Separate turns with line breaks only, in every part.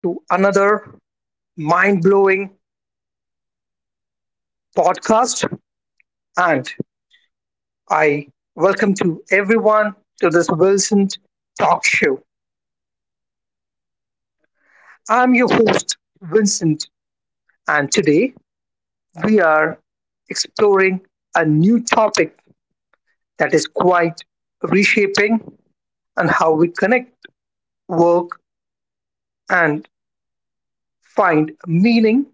to another mind blowing podcast. And I welcome to everyone to this Vincent Talk Show. I'm your host, Vincent, and today we are exploring a new topic that is quite reshaping and how we connect work and find meaning.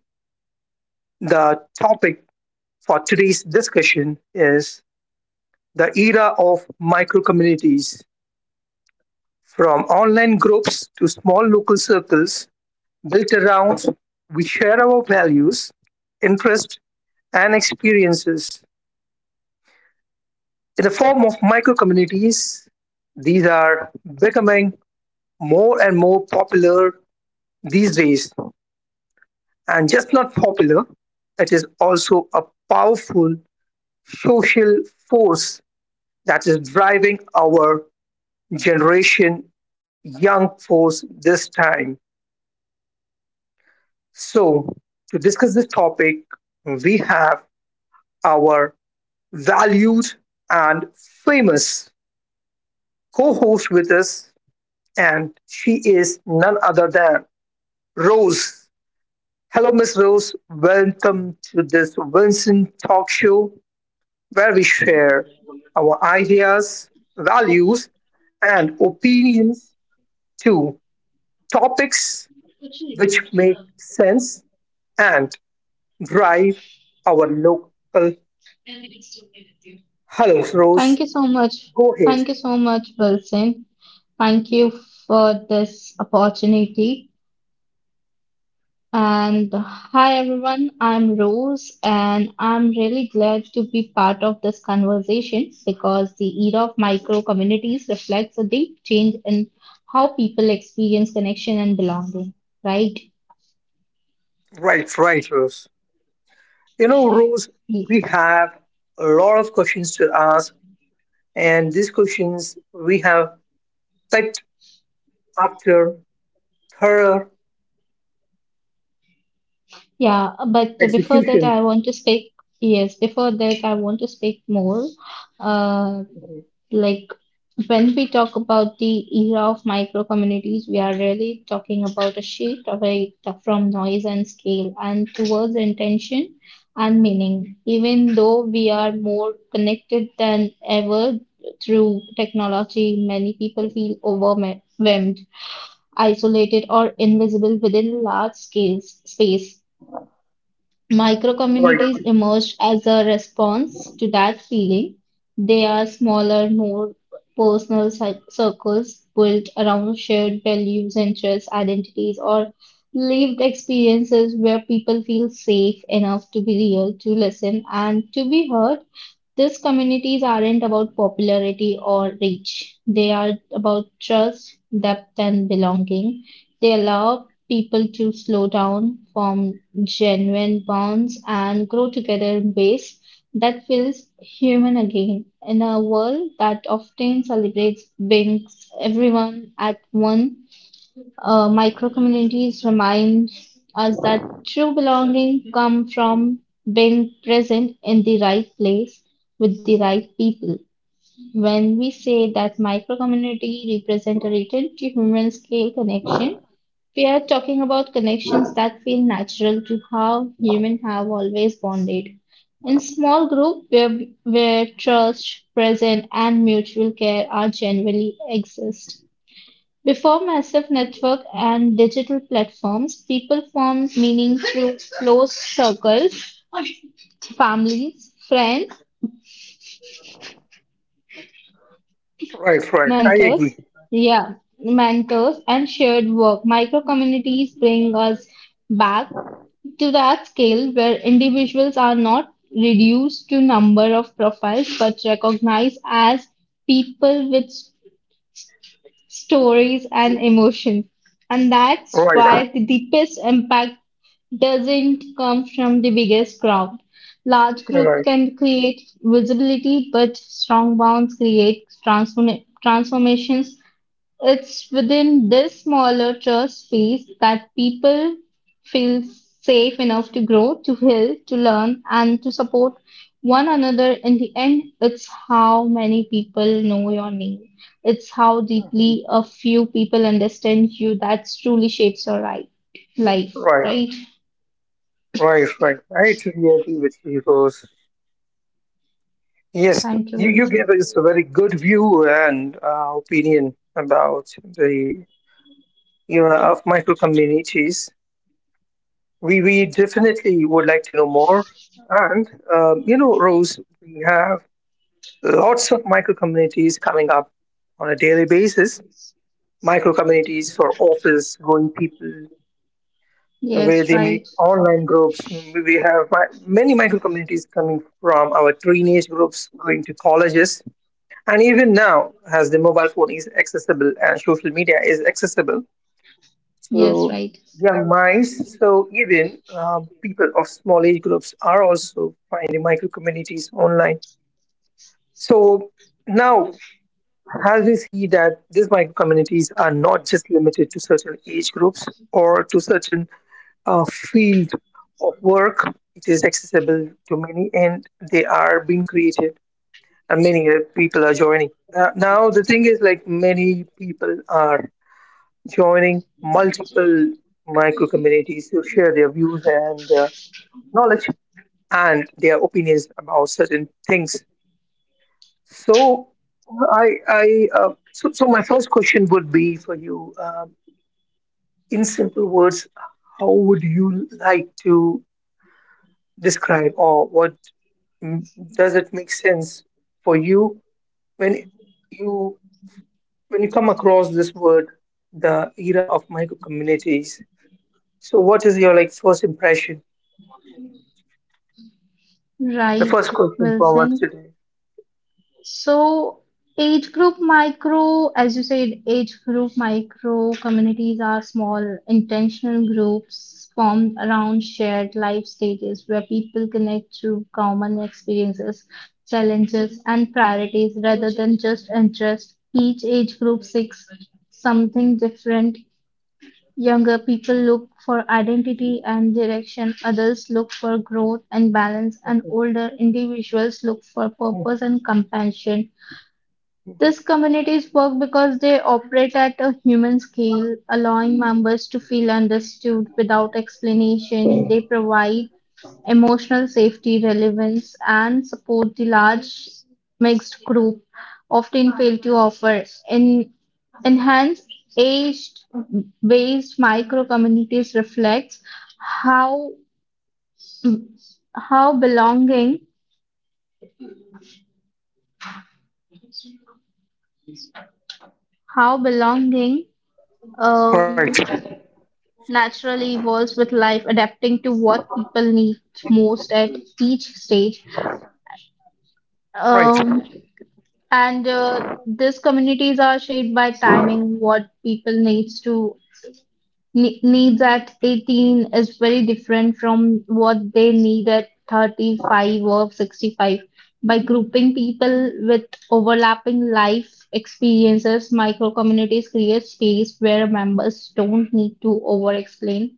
The topic for today's discussion is the era of microcommunities, from online groups to small local circles built around we share our values, interests, and experiences in the form of microcommunities. These are becoming more and more popular these days, and just not popular, it is also a powerful social force that is driving our generation young force this time. So, to discuss this topic, we have our valued and famous co host with us, and she is none other than Rose. Hello, Miss Rose. Welcome to this Vincent Talk Show where we share our ideas, values, and opinions to topics which make sense and drive our local. Hello,
Thank
Rose.
you so much.
Go ahead.
Thank you so much, Wilson. Thank you for this opportunity. And hi, everyone. I'm Rose, and I'm really glad to be part of this conversation because the era of micro communities reflects a deep change in how people experience connection and belonging, right?
Right, right, Rose. You know, Rose, we
Ye-
have a lot of questions to ask, and these questions we have typed after thorough
Yeah, but before that,
execution.
I want to speak. Yes, before that, I want to speak more. uh, Like when we talk about the era of micro communities, we are really talking about a shift away from noise and scale and towards intention and meaning. Even though we are more connected than ever through technology, many people feel overwhelmed, isolated, or invisible within large scale space. Microcommunities
Right,
emerged as a response to that feeling. They are smaller, more personal circles built around shared values, interests, identities, or lived experiences where people feel safe enough to be real, to listen, and to be heard. These communities aren't about popularity or reach. They are about trust, depth, and belonging. They allow people to slow down, form genuine bonds, and grow together in ways that feels human again in a world that often celebrates brings everyone at one micro communities remind us that true belonging comes from being present in the right place with the right people. When we say that micro community represent a return to human scale connection, we are talking about connections that feel natural to how humans have always bonded. In small group where trust, present, and mutual care are genuinely exist. Before massive network and digital platforms, people formed meaning through close circles, families, friends,
right, right. I
mentors,
agree.
yeah, mentors, and shared work. Micro communities bring us back to that scale where individuals are not reduced to number of profiles but recognized as people with stories, and emotions. And that's
Right, right.
why the deepest impact doesn't come from the biggest crowd. Large group can create visibility, but strong bonds create transformations it's within this smaller church space that people feel safe enough to grow, to heal, to learn, and to support one another. In the end, it's how many people know your name, it's how
Mhm.
deeply a few people understand you that truly shapes your right, life,
Right,
right?
right, right. I totally agree with you, Rose. Yes,
Thank you,
you gave
Wilson.
us a very good view and opinion about the era of micro communities. We definitely would like to know more. And you know, Rose, we have lots of micro communities coming up on a daily basis. Micro communities for office going people, where
Yes,
they make
right.
online groups. We have many micro communities coming from our teenage groups going to colleges, and even now, as the mobile phone is accessible and social media is accessible.
Yes,
So
right.
young minds, so even people of small age groups are also finding micro communities online. So now, as we see that these micro communities are not just limited to certain age groups or to certain field of work, it is accessible to many, and they are being created, and many people are joining. Now, the thing is, like many people are joining multiple micro communities to share their views and knowledge and their opinions about certain things. So, so my first question would be for you, in simple words, how would you like to describe, or what mm, does it make sense for you when you you come across this word, the era of micro communities? So, what is your like first impression? The
Right,
first question from us
Wilson.
today.
So, age group micro, as you said, age group micro communities are small, intentional groups formed around shared life stages where people connect through common experiences, challenges, and priorities rather than just interests. Each age group seeks something different. Younger people look for identity and direction, adults look for growth and balance, and older individuals look for
Hmm.
purpose and compassion. These communities work because they operate at a human scale, allowing members to feel understood without explanation. They provide emotional safety, relevance, and support the large mixed group often fail to offer. In enhanced aged based micro communities reflects how how belonging how belonging
Right,
um, Naturally evolves with life, adapting to what people need most at each stage.
right.
Um, and These communities are shaped by timing. What people needs at 18 is very different from what they need at 35 or 65. By grouping people with overlapping life experiences, micro communities create space where members don't need to over explain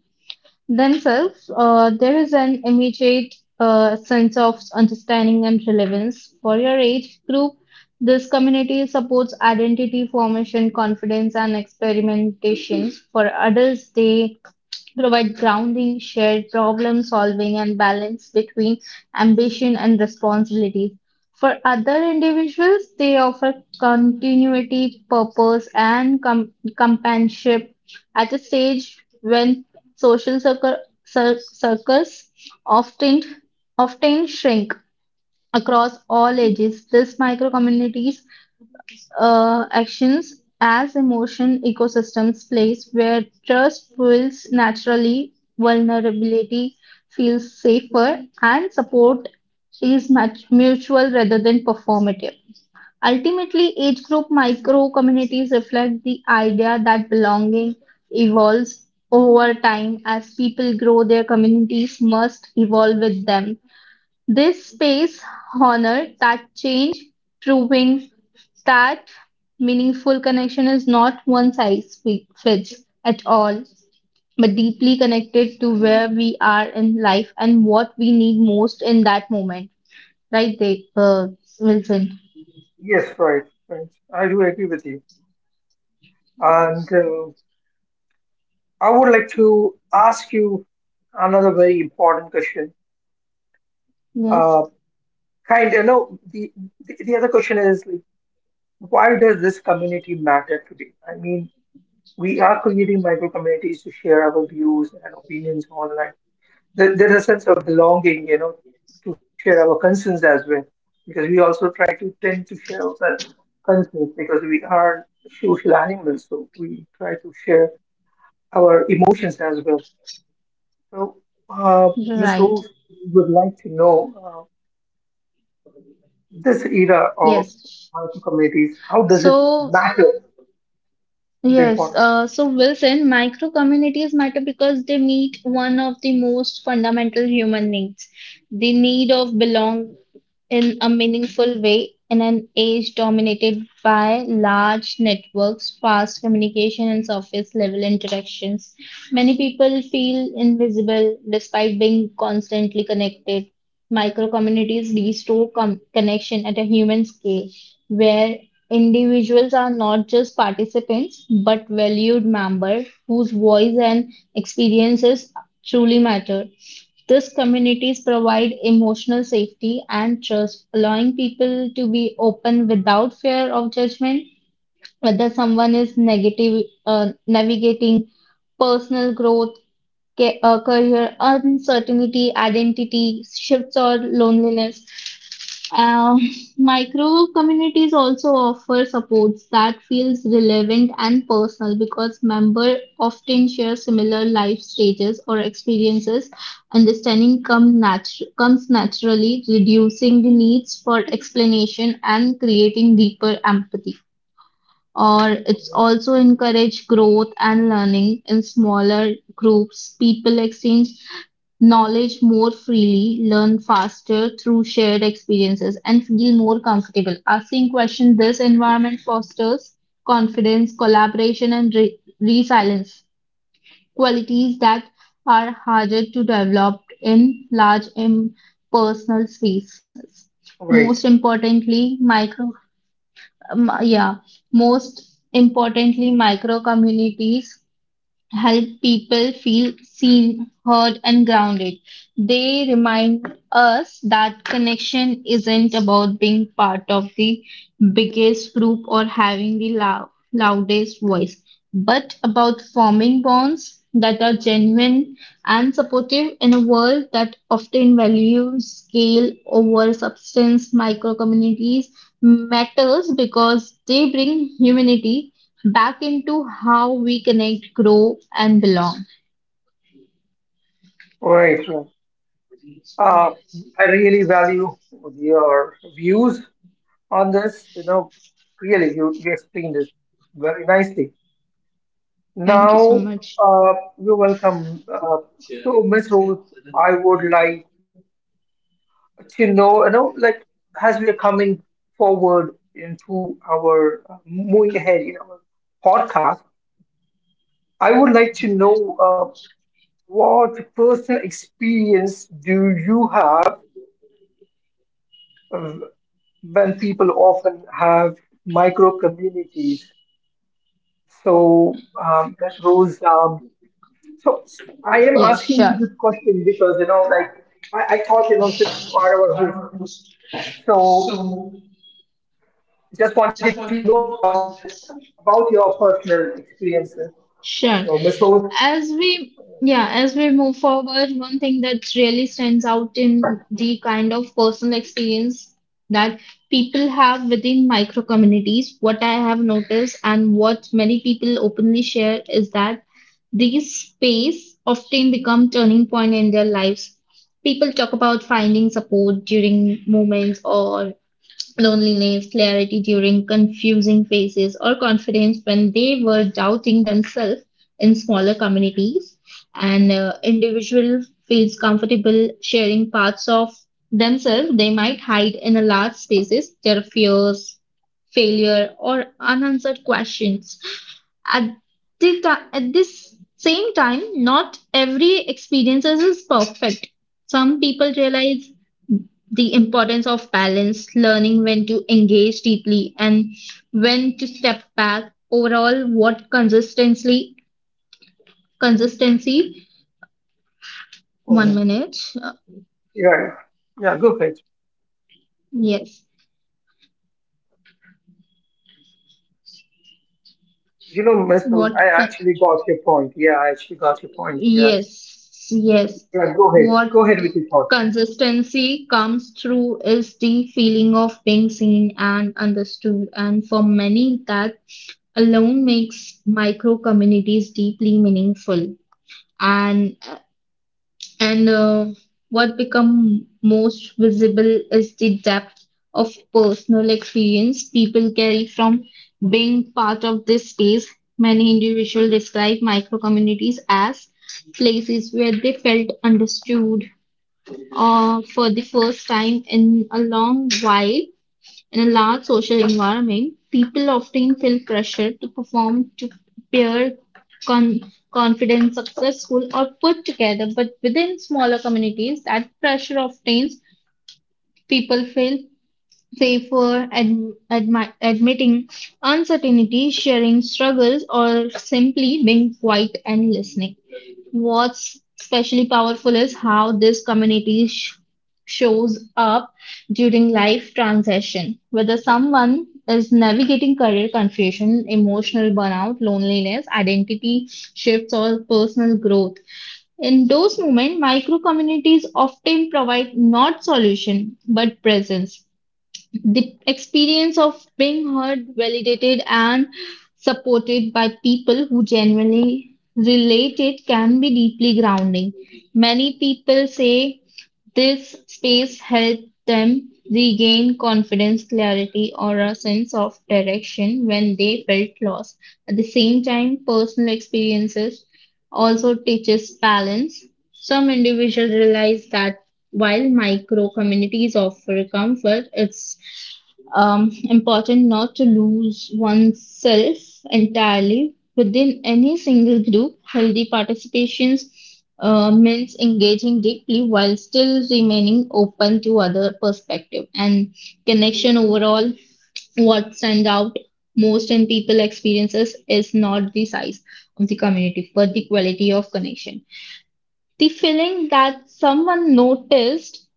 themselves, there is an immediate sense of understanding and relevance. For your age group, this community supports identity formation, confidence, and experimentation. For adults, they provide grounding, shared problem solving, and balance between ambition and responsibilities. For other individuals, they offer continuity, purpose, and companionship at a stage when social circle- circles often often shrink across all ages. These micro communities actions as emotion ecosystems place where trust builds naturally, vulnerability feels safer, and support is much mutual rather than performative. Ultimately, age group micro communities reflect the idea that belonging evolves over time as people grow, their communities must evolve with them. This space honor that change, proving that meaningful connection is not one size fits at all, but deeply connected to where we are in life and what we need most in that moment. Right, they, Wilson?
Yes, right, right. I do agree with you. And I would like to ask you another very important question.
Yes,
Uh, kind of, no, the other question is like, why does this community matter today? I mean, we are creating micro communities to share our views and opinions online, there's a sense of belonging, you know, to share our concerns as well, because we also try to tend to share our concerns because we are social animals, so we try to share our emotions as well. So, Ms.
right.
Ruth would like to know this era of
Yes.
multiple communities, how does it
So
matter the
yes,
importance?
so Wilson, micro communities matter because they meet one of the most fundamental human needs, the need of belong in a meaningful way in an age dominated by large networks, fast communication, and surface level interactions. Many people feel invisible despite being constantly connected. Micro communities restore connection at a human scale where individuals are not just participants, but valued members whose voice and experiences truly matter. These communities provide emotional safety and trust, allowing people to be open without fear of judgment, whether someone is negative, navigating personal growth, career uncertainty, identity shifts, or loneliness. Uh, Micro communities also offer supports that feels relevant and personal because members often share similar life stages or experiences. Understanding comes naturally, reducing the needs for explanation and creating deeper empathy or it's also encourage growth and learning in smaller groups. People exchange knowledge more freely, learn faster through shared experiences, and feel more comfortable. Asking questions, this environment fosters confidence, collaboration, and resilience, qualities that are harder to develop in large impersonal spaces. Most
Right,
importantly, um, yeah, most importantly, micro communities help people feel seen, heard, and grounded. They remind us that connection isn't about being part of the biggest group or having the loudest voice, but about forming bonds that are genuine and supportive in a world that often values scale over substance. Micro communities matters because they bring humanity back into how we connect, grow, and belong.
right, right. Uh, I really value your views on this. You know, really, you explained this very nicely.
Thank you so
Now,
much.
uh, you're welcome. So, Miss Rose, I would like to know, you know, like as we are coming forward into our moving ahead in our podcast, I would like to know what personal experience do you have uh, when people often have micro communities? So, Ms. Rose, so I am
Yes,
asking
sure.
this question because you know, like I thought, you know, since you are our host, so just wanted to know about this, about your personal experiences. So,
Sure.
Miss Host,
As we yeah, as we move forward, one thing that really stands out in the kind of personal experience that people have within micro communities, what I have noticed and what many people openly share is that these space often become turning point in their lives. People talk about finding support during moments or loneliness, clarity during confusing phases, or confidence when they were doubting themselves in smaller communities. And individual feels comfortable sharing parts of themselves they might hide in a large spaces, their fears, failure, or unanswered questions. At at this same time, not every experience is perfect. Some people realize the importance of balance, learning when to engage deeply and when to step back. Overall, consistency, one
mhm,
minute,
yeah, yeah, go ahead.
yes,
You know, Miss Host,
what,
I
co-
actually got your point. Yeah, I actually got your point. Yes,
yes, yes,
yeah,
what
go ahead with your thoughts.
consistency comes through is the feeling of being seen and understood. And for many, that alone makes micro communities deeply meaningful. And And What become most visible is the depth of personal experience people carry from being part of this space. Many individuals describe micro communities as places where they felt understood or for the first time in a long while in a large social environment, people often feel pressure to perform, to appear con- confident, successful, or put together. But within smaller communities, that pressure often people feel safer, admitting uncertainty, sharing struggles, or simply being quiet and listening. What's especially powerful is how this community shows up during life transition, whether someone is navigating career confusion, emotional burnout, loneliness, identity shifts, or personal growth. In those moments, micro communities often provide not solution but presence the experience of being heard, validated, and supported by people who genuinely relate it can be deeply grounding. Many people say this space helped them regain confidence, clarity, or a sense of direction when they felt lost. At the same time, personal experiences also teaches balance. Some individuals realize that while micro communities offer comfort, it's important not to lose oneself entirely within any single group, healthy participations means engaging deeply while still remaining open to other perspective and connection overall. What stands out most in people experiences is not the size of the community, but the quality of connection. The feeling that someone noticed,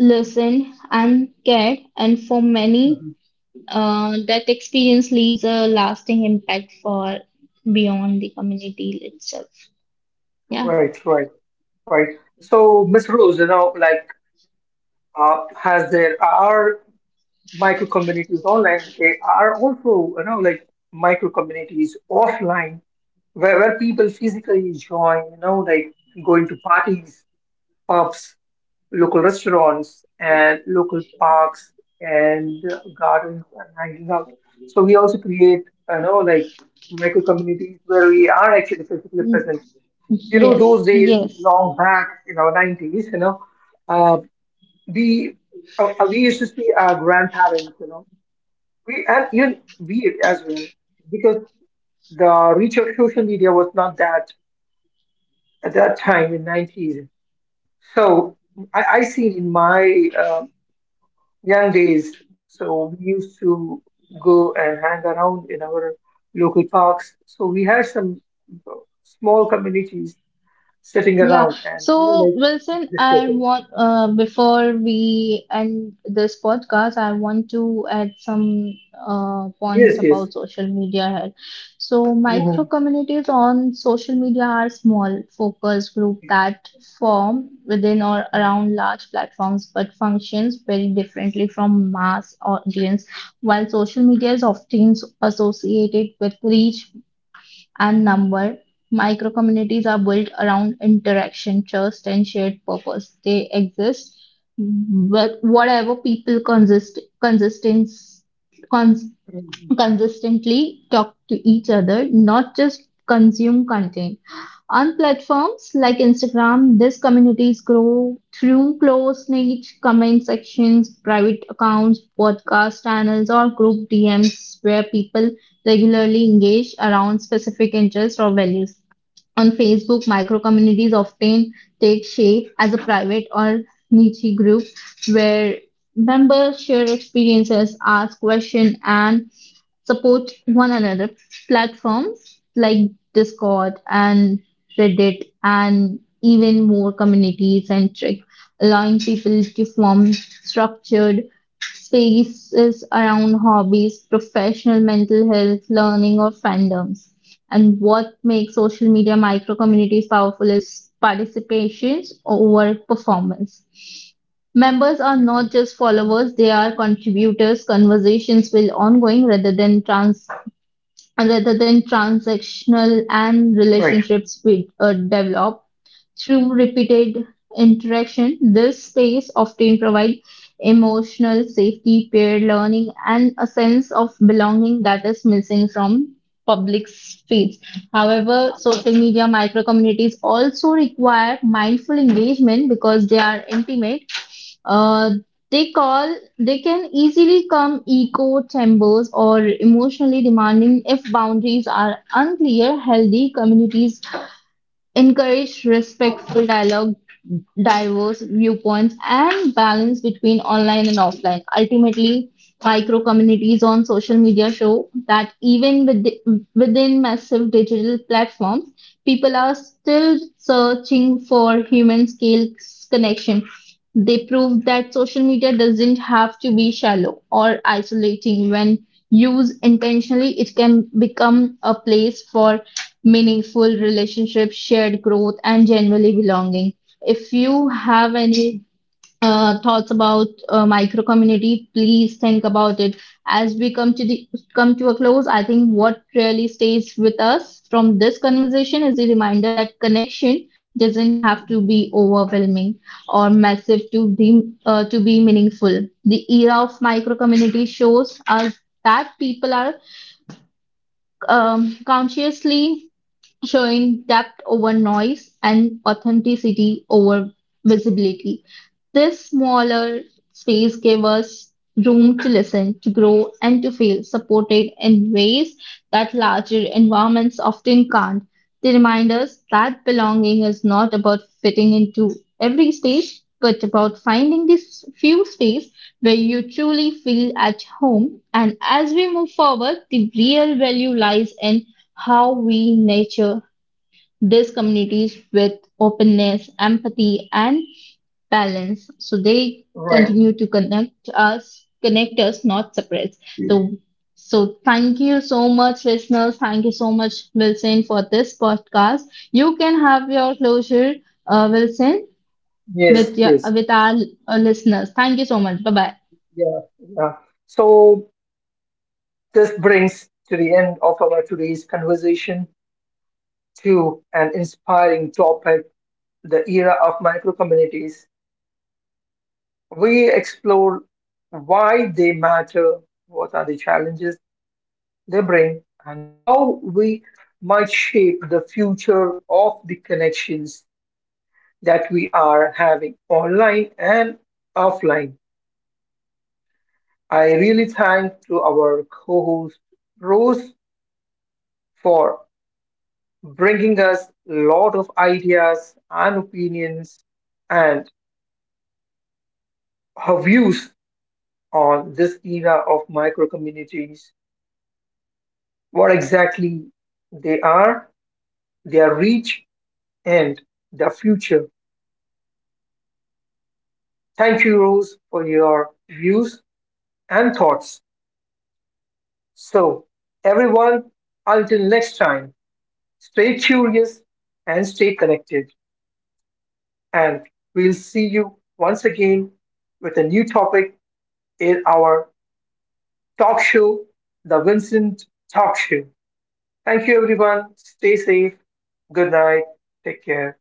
listened, and cared, and for many
Mhm.
that experience leaves a lasting impact for beyond the community itself. Yeah.
Right, right, right. So, Miss Rose, you know, like, has there are micro communities online, they are also, you know, like micro communities offline where people physically join, you know, like going to parties, pubs, local restaurants and local parks and gardens and hanging out, so we also create, you know, like micro communities where we are actually physically
Mm,
present, you know, those
yes.
days
Yes.
long back in our 90s, you know, uh, we we used to see our grandparents, you know, we and even we as well, because the reach of social media was not that at that time in 90s. So I see in my young days, so we used to go and hang around in our local parks, so we had some small communities sitting
Yeah.
around and you know,
So,
like
Wilson, I
discussing.
want before we end this podcast, I want to add some
Yes,
points
yes.
about social media here. So,
Mhm.
micro communities on social media are small focus group that form within or
Mhm.
around large platforms but functions very differently from mass audience. While social media is often associated with reach, and number, microcommunities
Mhm.
are built around interaction, trust, and shared purpose. They exist but whatever people cons-
Mhm.
consistently talk to each other, not just consume content. On platforms like Instagram, these communities grow through close niche comment sections, private accounts, podcast channels, or group DMs where people regularly engage around specific interests or values. On Facebook, microcommunities often take shape as a private or niche group where members share experiences, ask questions, and support one another. Platforms like Discord and Reddit and even more community centric, allowing people to form structured spaces around hobbies, professional mental health, learning, or fandoms. And what makes social media micro communities powerful is participations over performance. Members are
Mhm.
not just followers, they are contributors. Conversations will ongoing rather than
Right,
transactional and relationships will develop through repeated interaction. This space often provide emotional safety, peer learning, and a sense of belonging that is missing from public feeds. However, social media micro communities also require mindful engagement because they are intimate uh, they can easily come echo chambers or emotionally demanding if boundaries are unclear. Healthy communities encourage respectful dialogue diverse viewpoints, and balance between online and offline. Ultimately, micro communities on social media show that even with within massive digital platforms, people are still searching for human scale connection. They prove that social media doesn't have to be shallow or isolating. When used intentionally, it can become a place for meaningful relationships, shared growth, and genuinely belonging. If you have any thoughts about micro community, please think about it. As we come to the come to a close, I think what really stays with us from this conversation is the reminder that connection doesn't have to be overwhelming or massive to be meaningful. The era of micro community shows us that people are consciously showing depth over noise and authenticity over visibility. This smaller space gave us room to listen, to grow, and to feel supported in ways that larger environments often can't. They remind us that belonging is not about fitting into every space, but about finding these few space where you truly feel at home. And as we move forward, the real value lies in how we nurture these communities with openness, empathy, and balance. So they
right.
continue to connect us, not separate. So, so thank you so much, listeners. Thank you so much, Wilson, for this podcast. You can have your closure, Wilson,
Yes,
with your
yes.
with our listeners. Thank you so much. Bye bye.
Yeah, yeah. So this brings to the end of our today's conversation, to an inspiring topic, the era of micro communities. We explore why they matter, what are the challenges they bring, and how we might shape the future of the connections that we are having online and offline. I really thank to our co-host Rose for bringing us a lot of ideas and opinions and her views on this era of micro communities, what exactly they are, their reach, and their future. Thank you, Rose, for your views and thoughts. So, everyone, until next time, stay curious and stay connected. And we'll see you once again with a new topic in our talk show, The Vincent Talk Show. Thank you, everyone. Stay safe. Good night. Take care.